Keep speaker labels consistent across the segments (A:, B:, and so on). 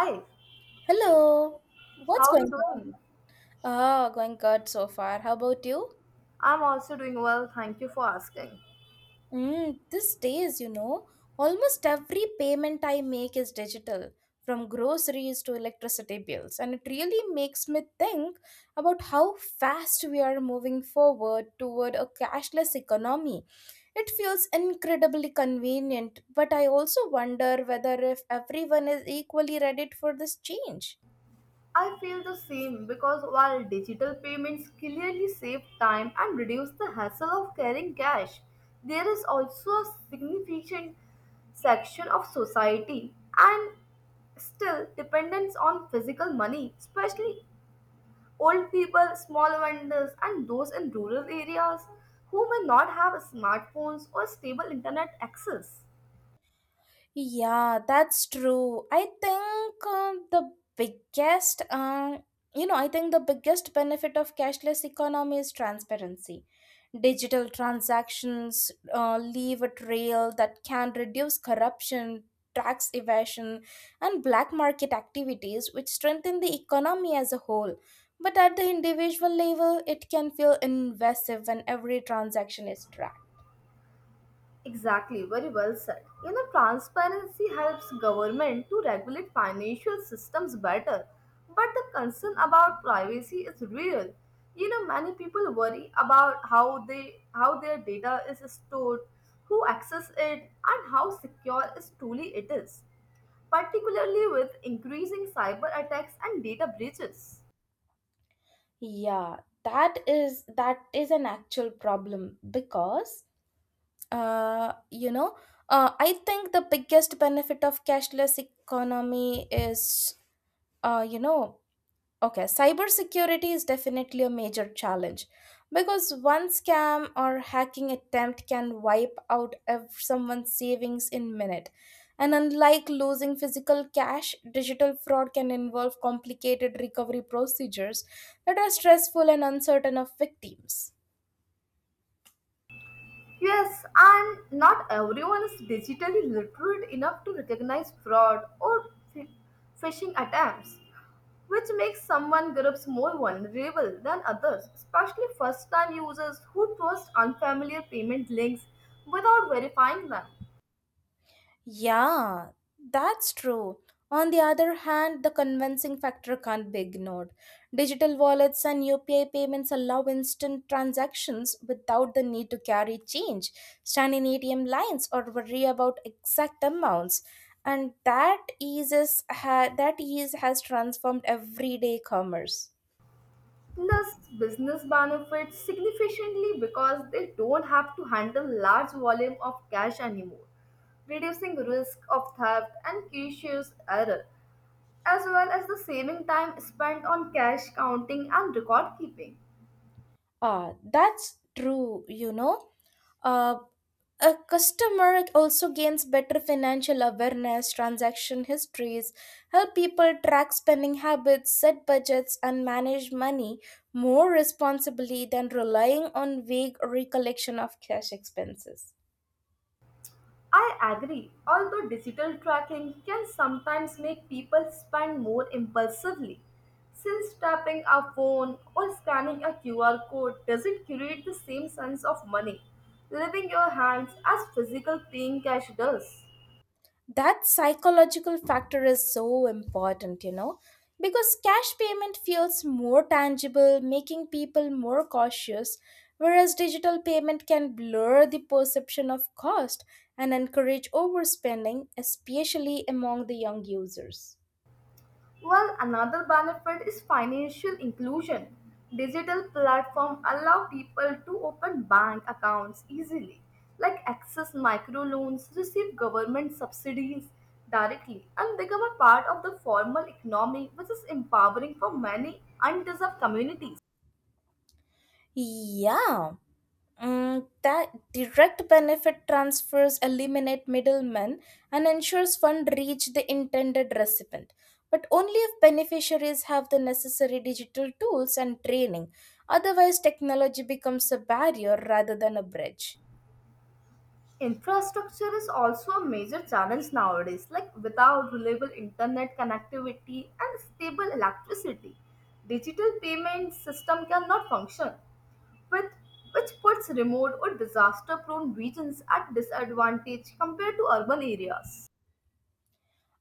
A: Hi,
B: Hello,
A: how
B: what's
A: are you
B: going
A: doing?
B: on? Ah, going good so far. How about you?
A: I'm also doing well, thank you for asking.
B: Mm, these days, almost every payment I make is digital, from groceries to electricity bills, and it really makes me think about how fast we are moving forward toward a cashless economy. It feels incredibly convenient, but I also wonder whether if everyone is equally ready for this change.
A: I feel the same because while digital payments clearly save time and reduce the hassle of carrying cash, there is also a significant section of society and still dependence on physical money, especially old people, small vendors, and those in rural areas who may not have smartphones or stable internet access.
B: Yeah, that's true. I think the I think the biggest benefit of cashless economy is transparency. Digital transactions leave a trail that can reduce corruption, tax evasion, and black market activities, which strengthen the economy as a whole. But at the individual level, it can feel invasive when every transaction is tracked.
A: Exactly, very well said. You know, transparency helps government to regulate financial systems better, but the concern about privacy is real. You know, many people worry about how their data is stored, who access it, and how secure is truly it is, particularly with increasing cyber attacks and data breaches.
B: Yeah, that is an actual problem because uh you know I think the biggest benefit of cashless economy is uh you know Okay, cybersecurity is definitely a major challenge because one scam or hacking attempt can wipe out someone's savings in minute. And unlike losing physical cash, digital fraud can involve complicated recovery procedures that are stressful and uncertain of victims.
A: Yes, and not everyone is digitally literate enough to recognize fraud or phi- phishing attempts, which makes someone groups more vulnerable than others, especially first time users who trust unfamiliar payment links without verifying them.
B: Yeah, that's true. On the other hand, the convincing factor can't be ignored. Digital wallets and UPI payments allow instant transactions without the need to carry change, stand in ATM lines, or worry about exact amounts. And that that ease has transformed everyday commerce.
A: Plus, business benefits significantly because they don't have to handle large volume of cash anymore reducing risk of theft and cautious error as well as the saving time spent on cash counting and record keeping.
B: Ah, that's true, Uh, A customer also gains better financial awareness, transaction histories, help people track spending habits, set budgets, and manage money more responsibly than relying on vague recollection of cash expenses.
A: I agree, although digital tracking can sometimes make people spend more impulsively, since tapping a phone or scanning a QR code doesn't create the same sense of money leaving your hands as physical paying cash does.
B: That psychological factor is so important, because cash payment feels more tangible, making people more cautious, whereas digital payment can blur the perception of cost and encourage overspending, especially among the young users.
A: Well, another benefit is financial inclusion. Digital platforms allow people to open bank accounts easily, like access microloans, receive government subsidies directly, and become a part of the formal economy, which is empowering for many undeserved communities.
B: Yeah. Mm, that direct benefit transfers eliminate middlemen and ensures fund reach the intended recipient, but only if beneficiaries have the necessary digital tools and training. Otherwise technology becomes a barrier rather than a bridge.
A: Infrastructure is also a major challenge nowadays, like without reliable internet connectivity and stable electricity, digital payment system cannot function, with, which puts remote or disaster prone regions at disadvantage compared to urban areas.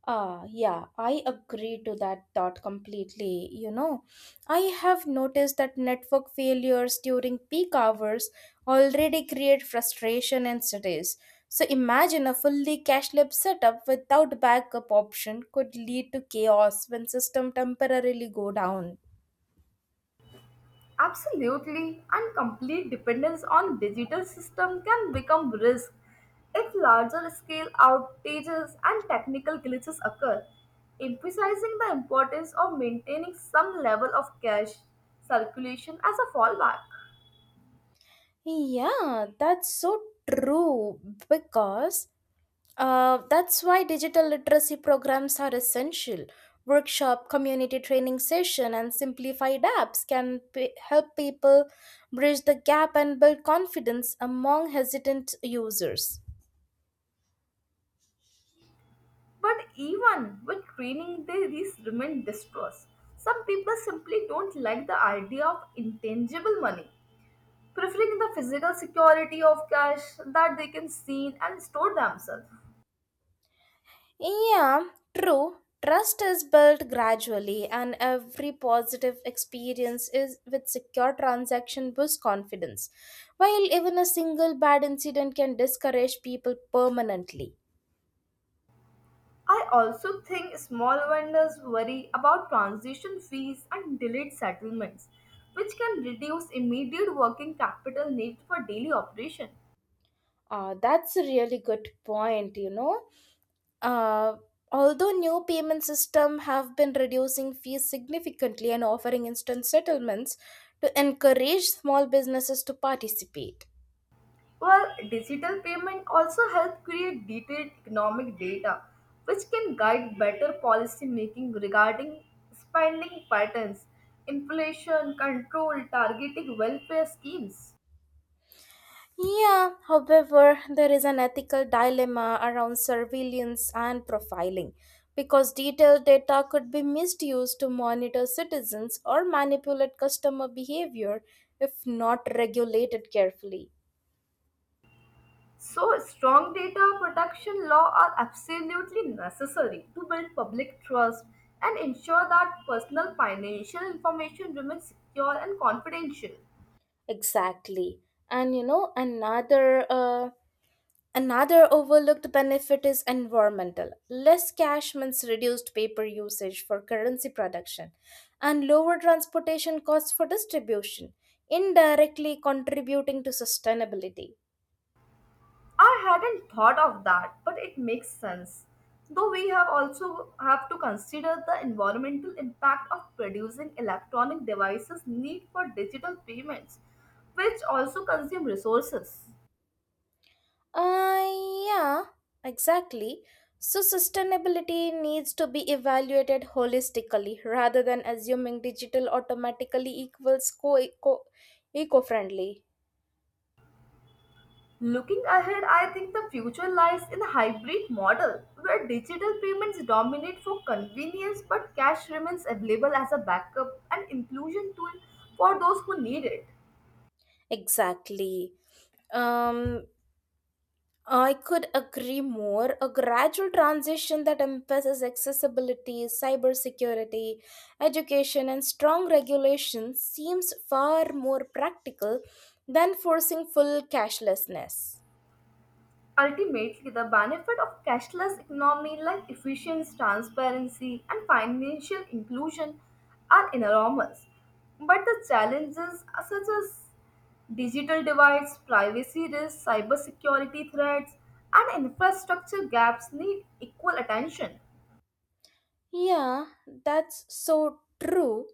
B: Ah, yeah, I agree to that thought completely. I have noticed that network failures during peak hours already create frustration in cities. So imagine a fully cashless setup without backup option could lead to chaos when system temporarily go down.
A: Absolutely, and complete dependence on digital system can become risk if larger scale outages and technical glitches occur, emphasizing the importance of maintaining some level of cash circulation as a fallback.
B: Yeah, that's so true because that's why digital literacy programs are essential. Workshop, community training session, and simplified apps help people bridge the gap and build confidence among hesitant users.
A: But even with training, they these remain distrust. Some people simply don't like the idea of intangible money, preferring the physical security of cash that they can see and store themselves.
B: Yeah, true. Trust is built gradually, and every positive experience is with secure transaction boosts confidence, while even a single bad incident can discourage people permanently.
A: I also think small vendors worry about transition fees and delayed settlements, which can reduce immediate working capital need for daily operation.
B: That's a really good point, Uh, although new payment system have been reducing fees significantly and offering instant settlements to encourage small businesses to participate.
A: While digital payment also help create detailed economic data, which can guide better policy making regarding spending patterns, inflation control, targeting welfare schemes.
B: Yeah, however, there is an ethical dilemma around surveillance and profiling because detailed data could be misused to monitor citizens or manipulate customer behavior if not regulated carefully.
A: So, strong data protection law are absolutely necessary to build public trust and ensure that personal financial information remains secure and confidential.
B: Exactly. And another another overlooked benefit is environmental. Less cash means reduced paper usage for currency production and lower transportation costs for distribution, indirectly contributing to sustainability.
A: I hadn't thought of that, but it makes sense. Though we have also have to consider the environmental impact of producing electronic devices need for digital payments, which also consume resources.
B: Uh, yeah, exactly. So, sustainability needs to be evaluated holistically rather than assuming digital automatically equals eco friendly.
A: Looking ahead, I think the future lies in a hybrid model where digital payments dominate for convenience but cash remains available as a backup and inclusion tool for those who need it.
B: Exactly. Um, I could agree more. A gradual transition that emphasizes accessibility, cybersecurity, education, and strong regulation seems far more practical than forcing full cashlessness.
A: Ultimately, the benefit of cashless economy like efficiency, transparency, and financial inclusion are enormous. But the challenges are such as digital divides, privacy risks, cybersecurity threats, and infrastructure gaps need equal attention.
B: Yeah, that's so true.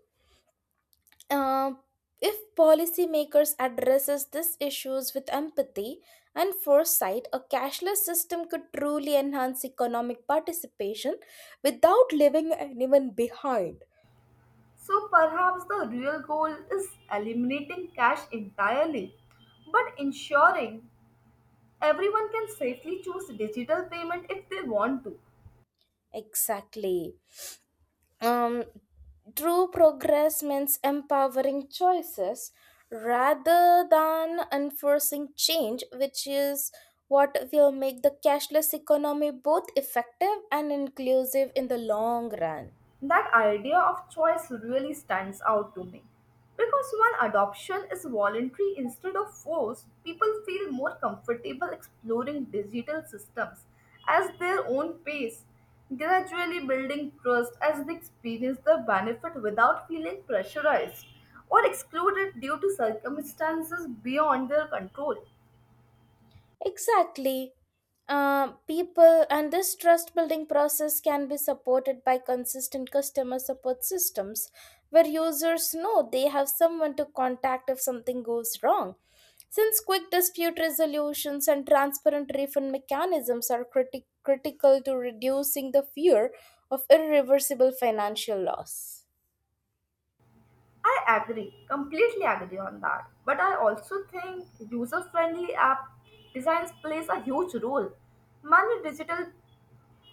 B: Um, if policymakers addresses these issues with empathy and foresight, a cashless system could truly enhance economic participation without leaving anyone behind.
A: So perhaps the real goal is eliminating cash entirely, but ensuring everyone can safely choose digital payment if they want to.
B: Exactly. Um, true progress means empowering choices rather than enforcing change, which is what will make the cashless economy both effective and inclusive in the long run.
A: That idea of choice really stands out to me. Because when adoption is voluntary instead of forced, people feel more comfortable exploring digital systems as their own pace, gradually building trust as they experience the benefit without feeling pressurized or excluded due to circumstances beyond their control.
B: Exactly. People and this trust building process can be supported by consistent customer support systems where users know they have someone to contact if something goes wrong. Since quick dispute resolutions and transparent refund mechanisms are critical to reducing the fear of irreversible financial loss.
A: I agree, completely agree on that. But I also think user friendly app designs plays a huge role. Many digital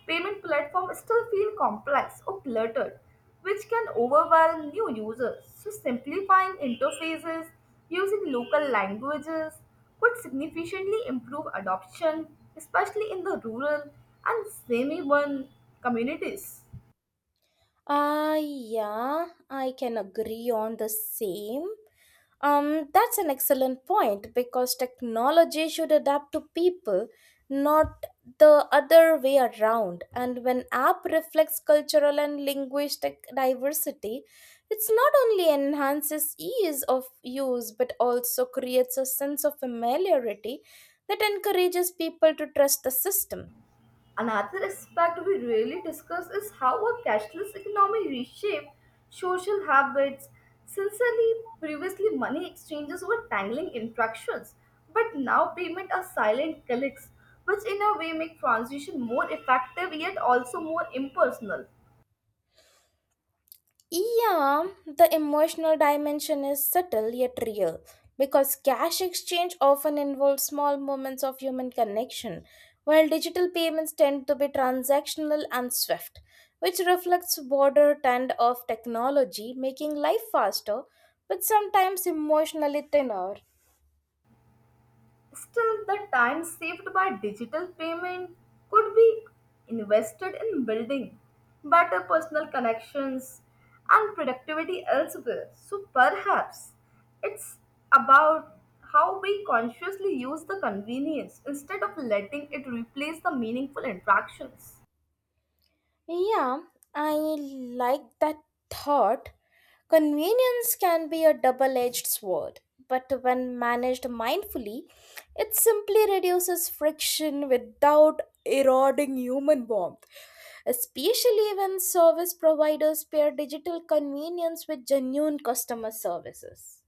A: payment platforms still feel complex or cluttered, which can overwhelm new users. So, simplifying interfaces using local languages could significantly improve adoption, especially in the rural and semi urban communities.
B: Yeah, I can agree on the same. That's an excellent point because technology should adapt to people, not the other way around. And when app reflects cultural and linguistic diversity, it's not only enhances ease of use but also creates a sense of familiarity that encourages people to trust the system.
A: Another aspect we rarely discuss is how a cashless economy reshaped social habits. Sincerely, previously money exchanges were tangling interactions, but now payment are silent clicks, which in a way make transition more effective yet also more impersonal.
B: Yeah, the emotional dimension is subtle yet real because cash exchange often involves small moments of human connection, while digital payments tend to be transactional and swift, which reflects broader trend of technology making life faster but sometimes emotionally thinner.
A: Still, the time saved by digital payment could be invested in building better personal connections and productivity elsewhere. So perhaps it's about how we consciously use the convenience instead of letting it replace the meaningful interactions.
B: Yeah, I like that thought. Convenience can be a double edged sword, but when managed mindfully, it simply reduces friction without eroding human warmth, especially when service providers pair digital convenience with genuine customer services.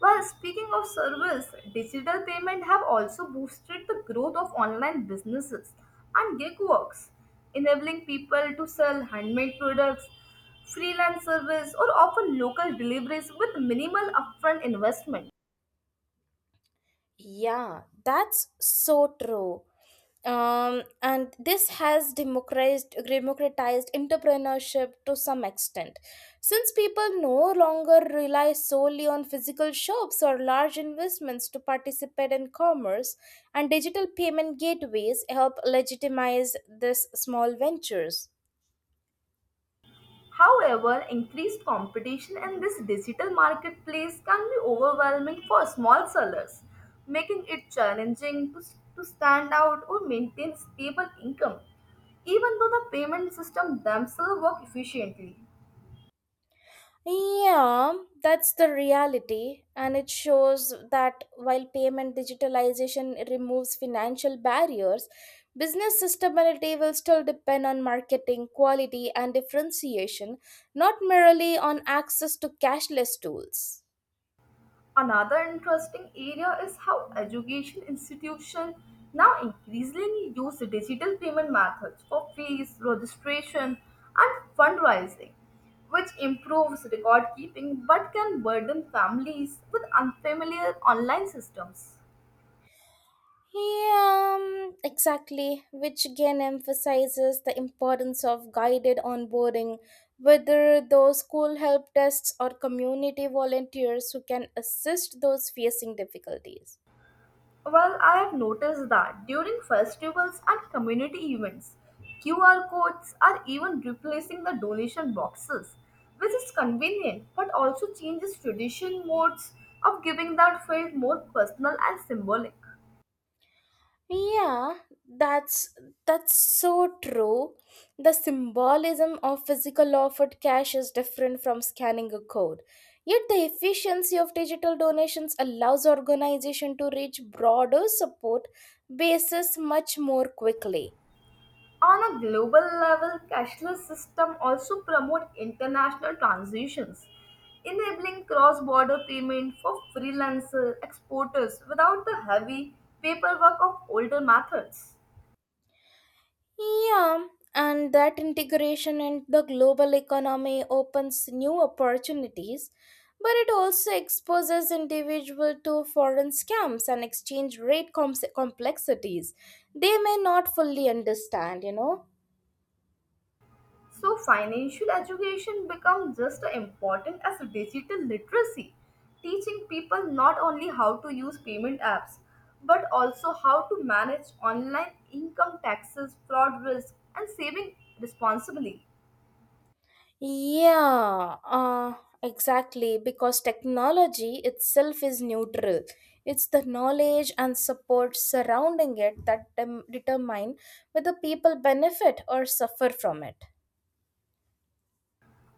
A: Well, speaking of service, digital payment have also boosted the growth of online businesses and gig works, enabling people to sell handmade products, freelance service, or offer local deliveries with minimal upfront investment.
B: Yeah, that's so true. And this has democratized entrepreneurship to some extent, since people no longer rely solely on physical shops or large investments to participate in commerce, and digital payment gateways help legitimize these small ventures.
A: However, increased competition in this digital marketplace can be overwhelming for small sellers, making it challenging to stand out or maintain stable income, even though the payment system themselves work efficiently.
B: Yeah, that's the reality, and it shows that while payment digitalization removes financial barriers, business sustainability will still depend on marketing, quality, and differentiation, not merely on access to cashless tools.
A: Another interesting area is how education institutions now increasingly use digital payment methods for fees, registration, and fundraising, which improves record keeping but can burden families with unfamiliar online systems.
B: Yeah, exactly, which again emphasizes the importance of guided onboarding, whether those school help desks or community volunteers who can assist those facing difficulties.
A: Well, I have noticed that during festivals and community events, QR codes are even replacing the donation boxes, which is convenient but also changes tradition modes of giving that felt more personal and symbolic.
B: Yeah, that's that's so true. The symbolism of physical offered cash is different from scanning a code. Yet the efficiency of digital donations allows organization to reach broader support bases much more quickly.
A: On a global level, cashless system also promote international transactions, enabling cross-border payment for freelancer exporters without the heavy paperwork of older methods.
B: Yeah, and that integration in the global economy opens new opportunities, but it also exposes individuals to foreign scams and exchange rate complexities they may not fully understand,
A: So financial education becomes just as important as digital literacy, teaching people not only how to use payment apps but also how to manage online income taxes, fraud risk and saving responsibly.
B: Yeah, exactly, because technology itself is neutral. It's the knowledge and support surrounding it that determine whether people benefit or suffer from it.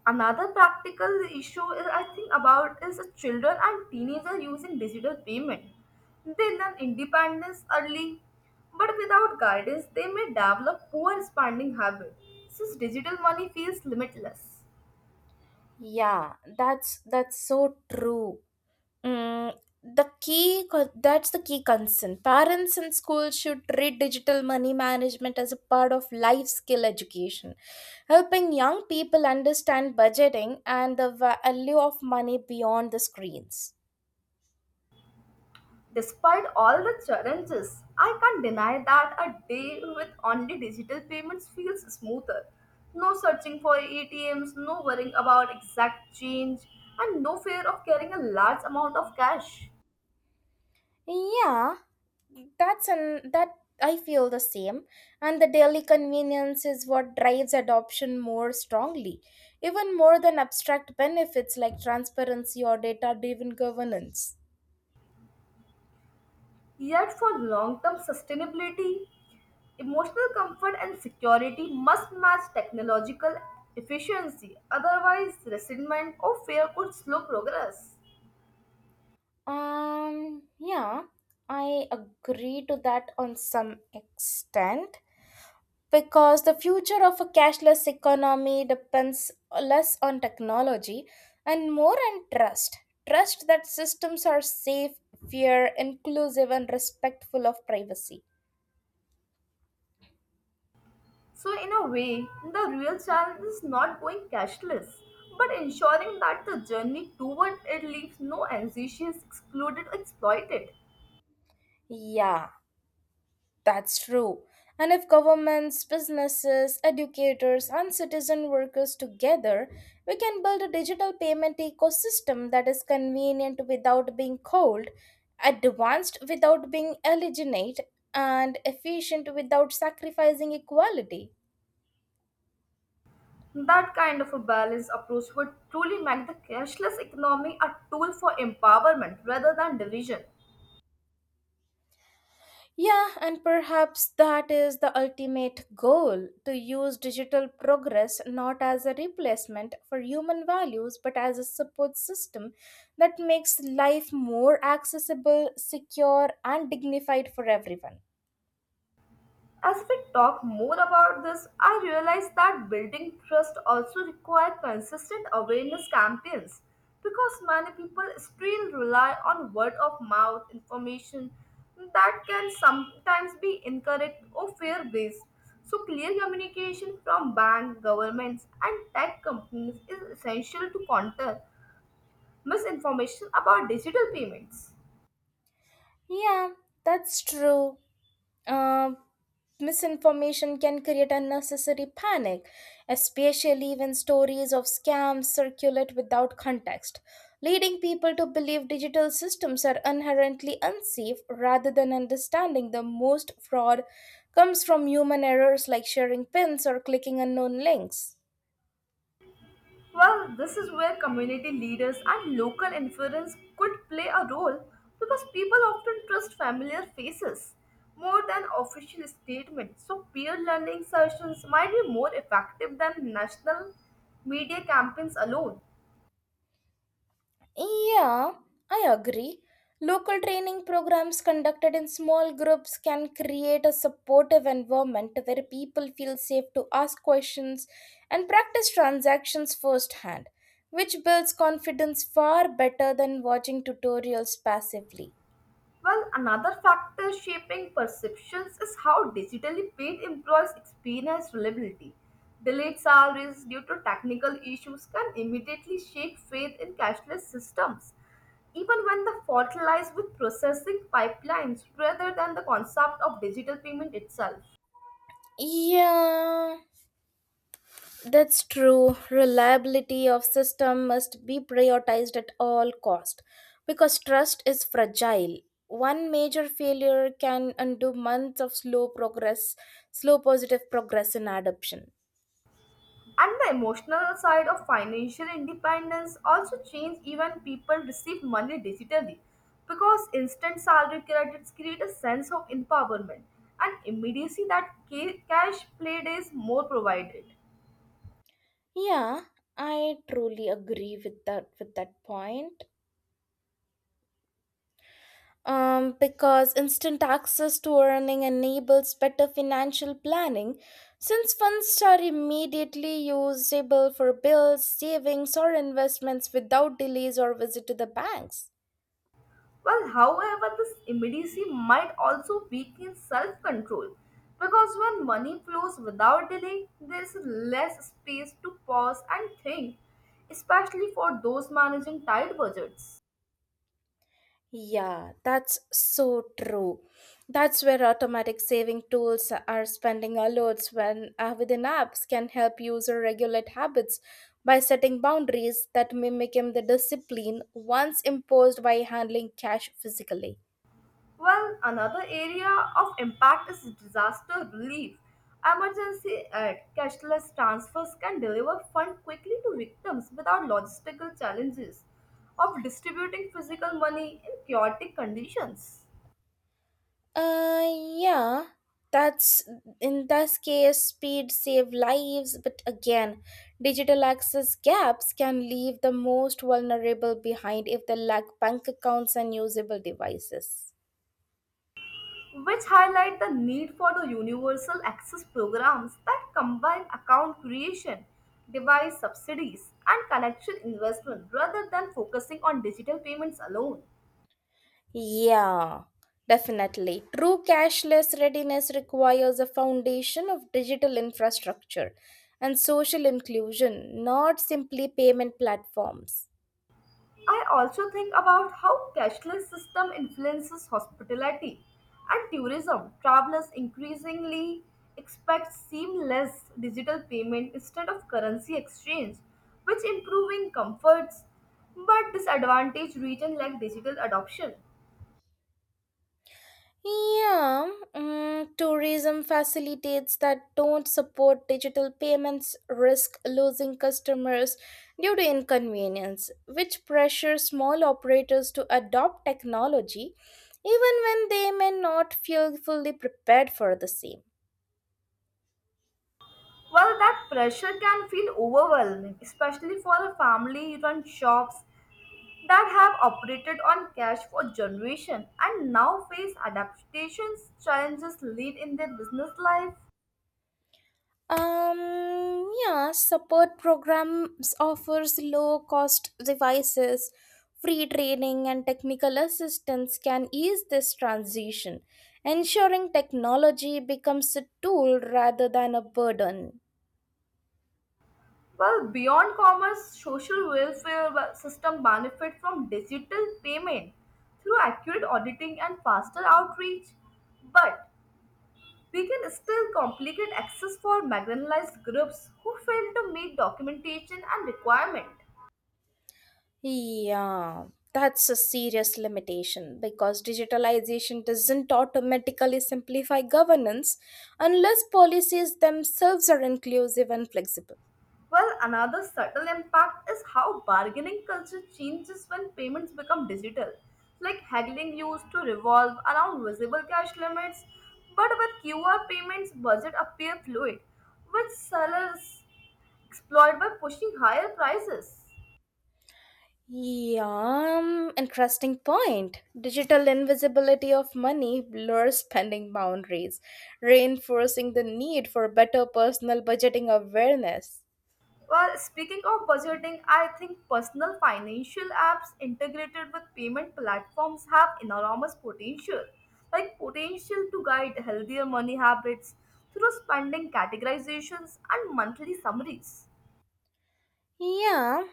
A: Another practical issue is I think about is children and teenagers using digital payment. They learn independence early, but without guidance they may develop poor spending habits since digital money feels limitless.
B: Yeah, that's so true. Mm, that's the key concern. Parents and schools should treat digital money management as a part of life skill education, helping young people understand budgeting and the value of money beyond the screens.
A: Despite all the challenges, I can't deny that a day with only digital payments feels smoother. No searching for ATMs, no worrying about exact change, and no fear of carrying a large amount of cash.
B: Yeah, that's an that I feel the same, and the daily convenience is what drives adoption more strongly, even more than abstract benefits like transparency or data driven governance.
A: Yet, for long term sustainability, emotional comfort and security must match technological efficiency, otherwise, resentment or fear could slow progress.
B: Yeah, I agree to that on some extent, because the future of a cashless economy depends less on technology and more on trust. Trust that systems are safe, fair, inclusive, and respectful of privacy.
A: So, in a way, the real challenge is not going cashless, but ensuring that the journey toward it leaves no anxious, excluded, or exploited.
B: Yeah, that's true. And if governments, businesses, educators, and citizen workers together, we can build a digital payment ecosystem that is convenient without being cold, advanced without being alienate, and efficient without sacrificing equality.
A: That kind of a balanced approach would truly make the cashless economy a tool for empowerment rather than division.
B: Yeah, and perhaps that is the ultimate goal to use digital progress not as a replacement for human values but as a support system that makes life more accessible, secure, and dignified for everyone.
A: As we talk more about this, I realize that building trust also requires consistent awareness campaigns because many people still rely on word of mouth information that can sometimes be incorrect or fear based. So, clear communication from banks, governments, and tech companies is essential to counter misinformation about digital payments.
B: Yeah, that's true. Uh, Misinformation can create unnecessary panic, especially when stories of scams circulate without context, leading people to believe digital systems are inherently unsafe rather than understanding the most fraud comes from human errors like sharing pins or clicking unknown links.
A: Well, this is where community leaders and local influence could play a role because people often trust familiar faces more than official statements. So, peer learning sessions might be more effective than national media campaigns alone.
B: Yeah, I agree. Local training programs conducted in small groups can create a supportive environment where people feel safe to ask questions and practice transactions firsthand, which builds confidence far better than watching tutorials passively.
A: Well, another factor shaping perceptions is how digitally paid employees experience reliability. Delayed salaries due to technical issues can immediately shake faith in cashless systems, even when the fault lies with processing pipelines rather than the concept of digital payment itself.
B: Yeah. That's true. Reliability of system must be prioritized at all cost because trust is fragile. One major failure can undo months of slow progress, slow positive progress in adoption.
A: And the emotional side of financial independence also change even people receive money digitally because instant salary credits create a sense of empowerment and immediacy that cash play days more provided.
B: Yeah, I truly agree with that point. Because instant access to earning enables better financial planning, since funds are immediately usable for bills, savings, or investments without delays or visit to the banks.
A: Well, however, this immediacy might also weaken self control because when money flows without delay, there is less space to pause and think, especially for those managing tight budgets.
B: Yeah, that's so true. That's where automatic saving tools are spending alerts when within apps can help user regulate habits by setting boundaries that mimic the discipline once imposed by handling cash physically.
A: Well, another area of impact is disaster relief. Emergency aid, cashless transfers can deliver funds quickly to victims without logistical challenges of distributing physical money in chaotic conditions,
B: Uh, yeah, that's in this case, speed save lives, but again, digital access gaps can leave the most vulnerable behind if they lack bank accounts and usable devices.
A: which highlight the need for the universal access programs that combine account creation, device subsidies, and connection investment rather than focusing on digital payments alone.
B: Yeah, definitely. True cashless readiness requires a foundation of digital infrastructure and social inclusion, not simply payment platforms.
A: I also think about how cashless system influences hospitality and tourism. Travelers increasingly expect seamless digital payment instead of currency exchange, which improving comforts but disadvantage region like digital adoption.
B: Yeah, mm, tourism facilitates that don't support digital payments risk losing customers due to inconvenience, which pressures small operators to adopt technology even when they may not feel fully prepared for the same.
A: Well, that pressure can feel overwhelming, especially for family run shops that have operated on cash for generations and now face adaptations challenges lead in their business life.
B: Yeah, support programs offers low cost devices, free training, and technical assistance can ease this transition, ensuring technology becomes a tool rather than a burden.
A: Well, beyond commerce, social welfare system benefit from digital payment through accurate auditing and faster outreach, but we can still complicate access for marginalized groups who fail to meet documentation and requirement.
B: Yeah, that's a serious limitation because digitalization doesn't automatically simplify governance unless policies themselves are inclusive and flexible.
A: Well, another subtle impact is how bargaining culture changes when payments become digital. Like haggling used to revolve around visible cash limits, but with QR payments, budget appear fluid, which sellers exploit by pushing higher prices.
B: Yeah, interesting point. Digital invisibility of money blurs spending boundaries, reinforcing the need for better personal budgeting awareness.
A: Well, speaking of budgeting, I think personal financial apps integrated with payment platforms have enormous potential, like potential to guide healthier money habits through spending categorizations and monthly summaries.
B: Yeah,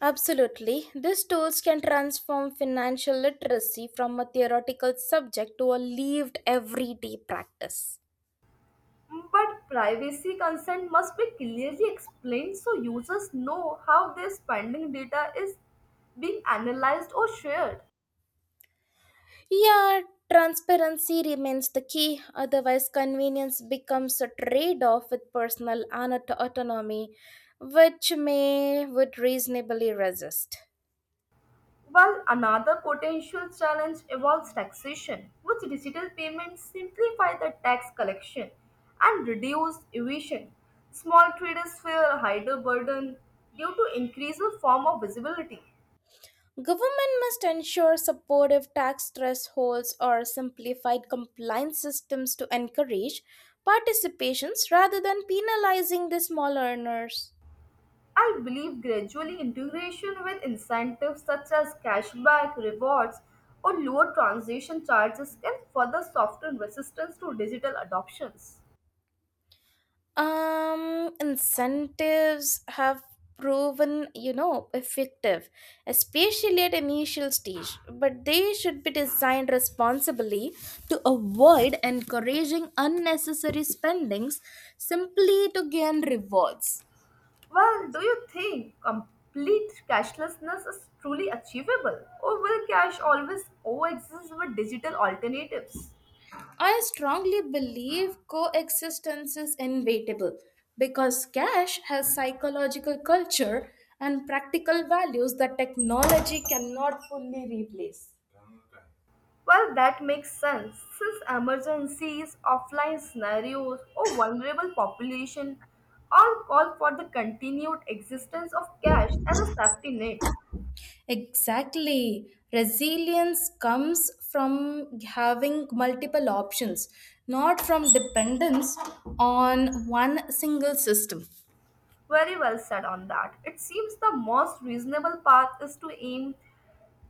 B: absolutely. These tools can transform financial literacy from a theoretical subject to a lived everyday practice.
A: But privacy consent must be clearly explained so users know how their spending data is being analyzed or shared.
B: Yeah, transparency remains the key, otherwise, convenience becomes a trade off with personal autonomy, which may would reasonably resist.
A: While another potential challenge involves taxation, which digital payments simplify the tax collection and reduce evasion. Small traders fear a higher burden due to increased form of visibility.
B: Government must ensure supportive tax thresholds or simplified compliance systems to encourage participations rather than penalizing the small earners.
A: I believe gradually integration with incentives such as cashback, rewards, or lower transaction charges can further soften resistance to digital adoptions.
B: Incentives have proven, effective, especially at initial stage, but they should be designed responsibly to avoid encouraging unnecessary spendings simply to gain rewards.
A: Well, do you think complete cashlessness is truly achievable? Or will cocash always coexist with digital alternatives?
B: I strongly believe coexistence is inevitable because cash has psychological culture and practical values that technology cannot fully replace.
A: Well, that makes sense since emergencies, offline scenarios, or vulnerable population all call for the continued existence of cash as a safety net.
B: Exactly. Resilience comes from having multiple options, not from dependence on one single system.
A: Very well said on that. It seems the most reasonable path is to aim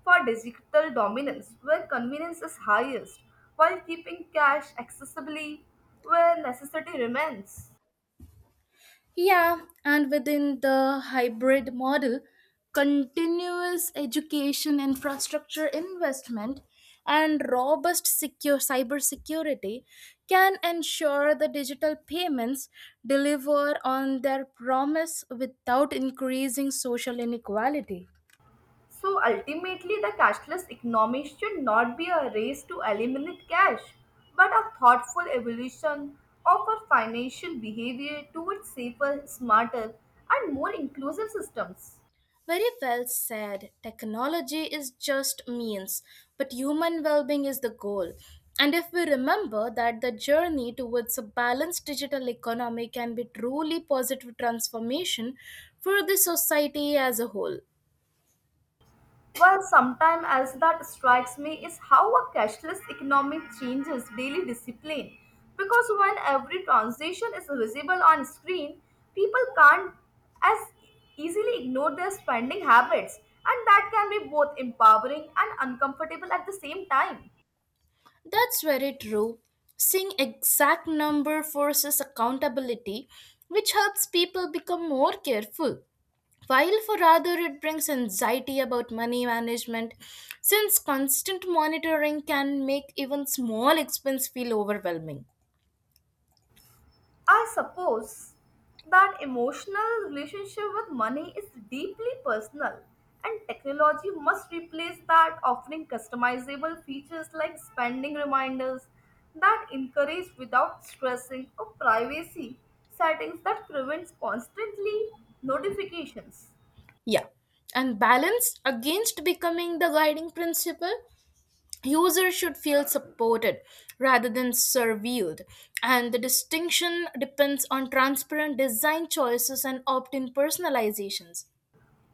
A: for digital dominance where convenience is highest while keeping cash accessibly where necessity remains.
B: Yeah, and within the hybrid model, continuous education infrastructure investment and robust secure cybersecurity can ensure the digital payments deliver on their promise without increasing social inequality.
A: So ultimately, the cashless economy should not be a race to eliminate cash, but a thoughtful evolution of our financial behavior towards safer, smarter, and more inclusive systems.
B: Very well said. Technology is just means, but human well-being is the goal. And if we remember that the journey towards a balanced digital economy can be truly positive transformation for the society as a whole.
A: Well, sometimes else that strikes me is how a cashless economy changes daily discipline. Because when every transaction is visible on screen, people can't as easily ignore their spending habits, and that can be both empowering and uncomfortable at the same time.
B: That's very true. Seeing exact number forces accountability, which helps people become more careful, while for rather it brings anxiety about money management, since constant monitoring can make even small expense feel overwhelming.
A: I suppose that emotional relationship with money is deeply personal, and technology must replace that, offering customizable features like spending reminders that encourage without stressing or privacy settings that prevents constantly notifications.
B: Yeah, and balance against becoming the guiding principle. Users should feel supported rather than surveilled, and the distinction depends on transparent design choices and opt-in personalizations.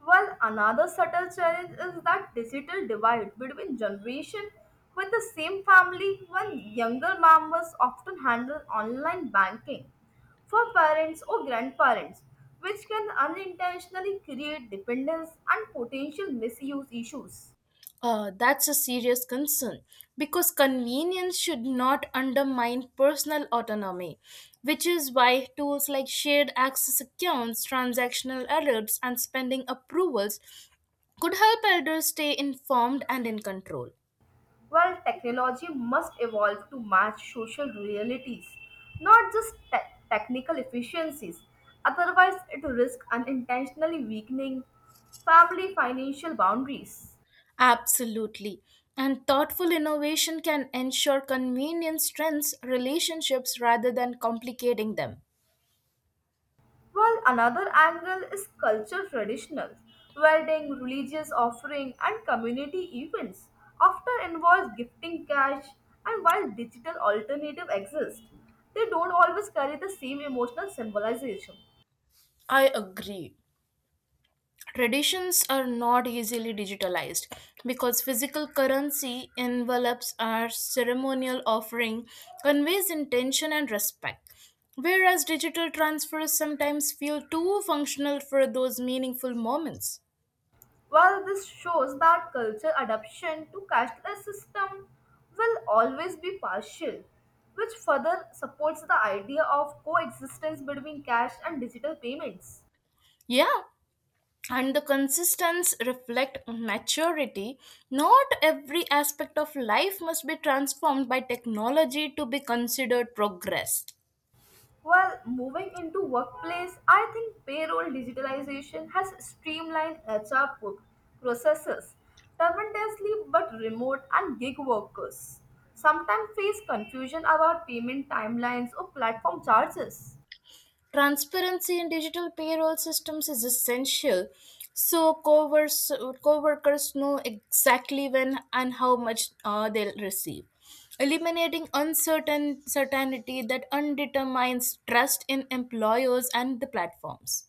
A: Well, another subtle challenge is that digital divide between generation with the same family when younger members often handle online banking for parents or grandparents, which can unintentionally create dependence and potential misuse issues.
B: That's a serious concern because convenience should not undermine personal autonomy, which is why tools like shared access accounts, transactional alerts, and spending approvals could help elders stay informed and in control.
A: Well, technology must evolve to match social realities, not just technical efficiencies. Otherwise, it risks unintentionally weakening family financial boundaries.
B: Absolutely. And thoughtful innovation can ensure convenience strengths relationships rather than complicating them.
A: Well, another angle is culture traditional. Wedding, religious offering, and community events often involve gifting cash, and while digital alternatives exist, they don't always carry the same emotional symbolization.
B: I agree. Traditions are not easily digitalized because physical currency, envelopes, or ceremonial offering conveys intention and respect. Whereas digital transfers sometimes feel too functional for those meaningful moments.
A: Well, this shows that cultural adoption to cashless system will always be partial, which further supports the idea of coexistence between cash and digital payments.
B: Yeah, and the consistence reflect maturity. Not every aspect of life must be transformed by technology to be considered progress.
A: Well, moving into workplace, I think payroll digitalization has streamlined HR processes tremendously, but remote and gig workers sometimes face confusion about payment timelines or platform charges.
B: Transparency in digital payroll systems is essential so co-workers know exactly when and how much they'll receive, eliminating uncertain certainty that undetermines trust in employers and the platforms.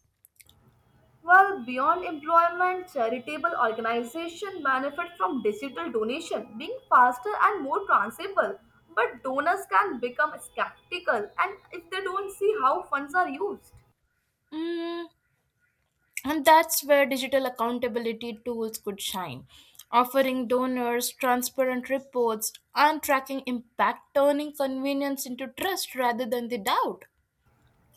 A: Well, beyond employment, charitable organizations benefit from digital donation being faster and more transferable. But donors can become skeptical and if they don't see how funds are used.
B: Mm, and that's where digital accountability tools could shine, offering donors transparent reports and tracking impact, turning convenience into trust rather than the doubt.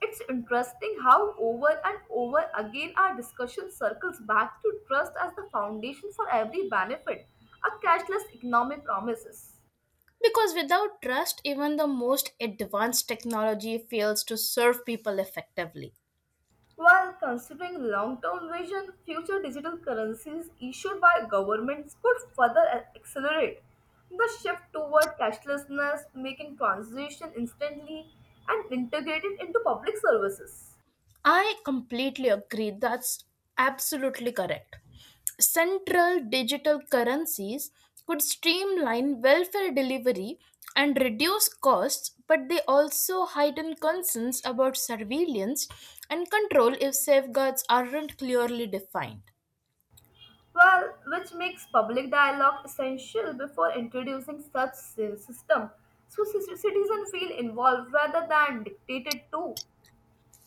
A: It's interesting how over and over again our discussion circles back to trust as the foundation for every benefit a cashless economy promises.
B: Because without trust, even the most advanced technology fails to serve people effectively.
A: While considering long-term vision, future digital currencies issued by governments could further accelerate the shift toward cashlessness, making transition instantly and integrated into public services.
B: I completely agree. That's absolutely correct. Central digital currencies could streamline welfare delivery and reduce costs, but they also heighten concerns about surveillance and control if safeguards aren't clearly defined.
A: Well, which makes public dialogue essential before introducing such system, so citizens feel involved rather than dictated to.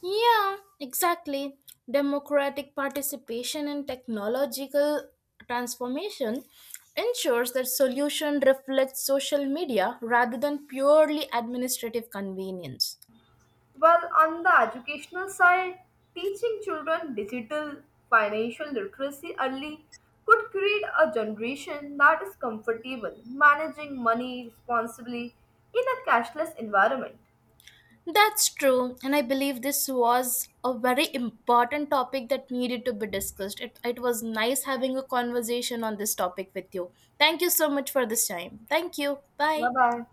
B: Yeah, exactly. Democratic participation in technological transformation ensures that solution reflects social media rather than purely administrative convenience.
A: Well, on the educational side, teaching children digital financial literacy early could create a generation that is comfortable managing money responsibly in a cashless environment.
B: That's true, and I believe this was a very important topic that needed to be discussed. It was nice having a conversation on this topic with you. Thank you so much for this time. Thank you. Bye.
A: Bye bye.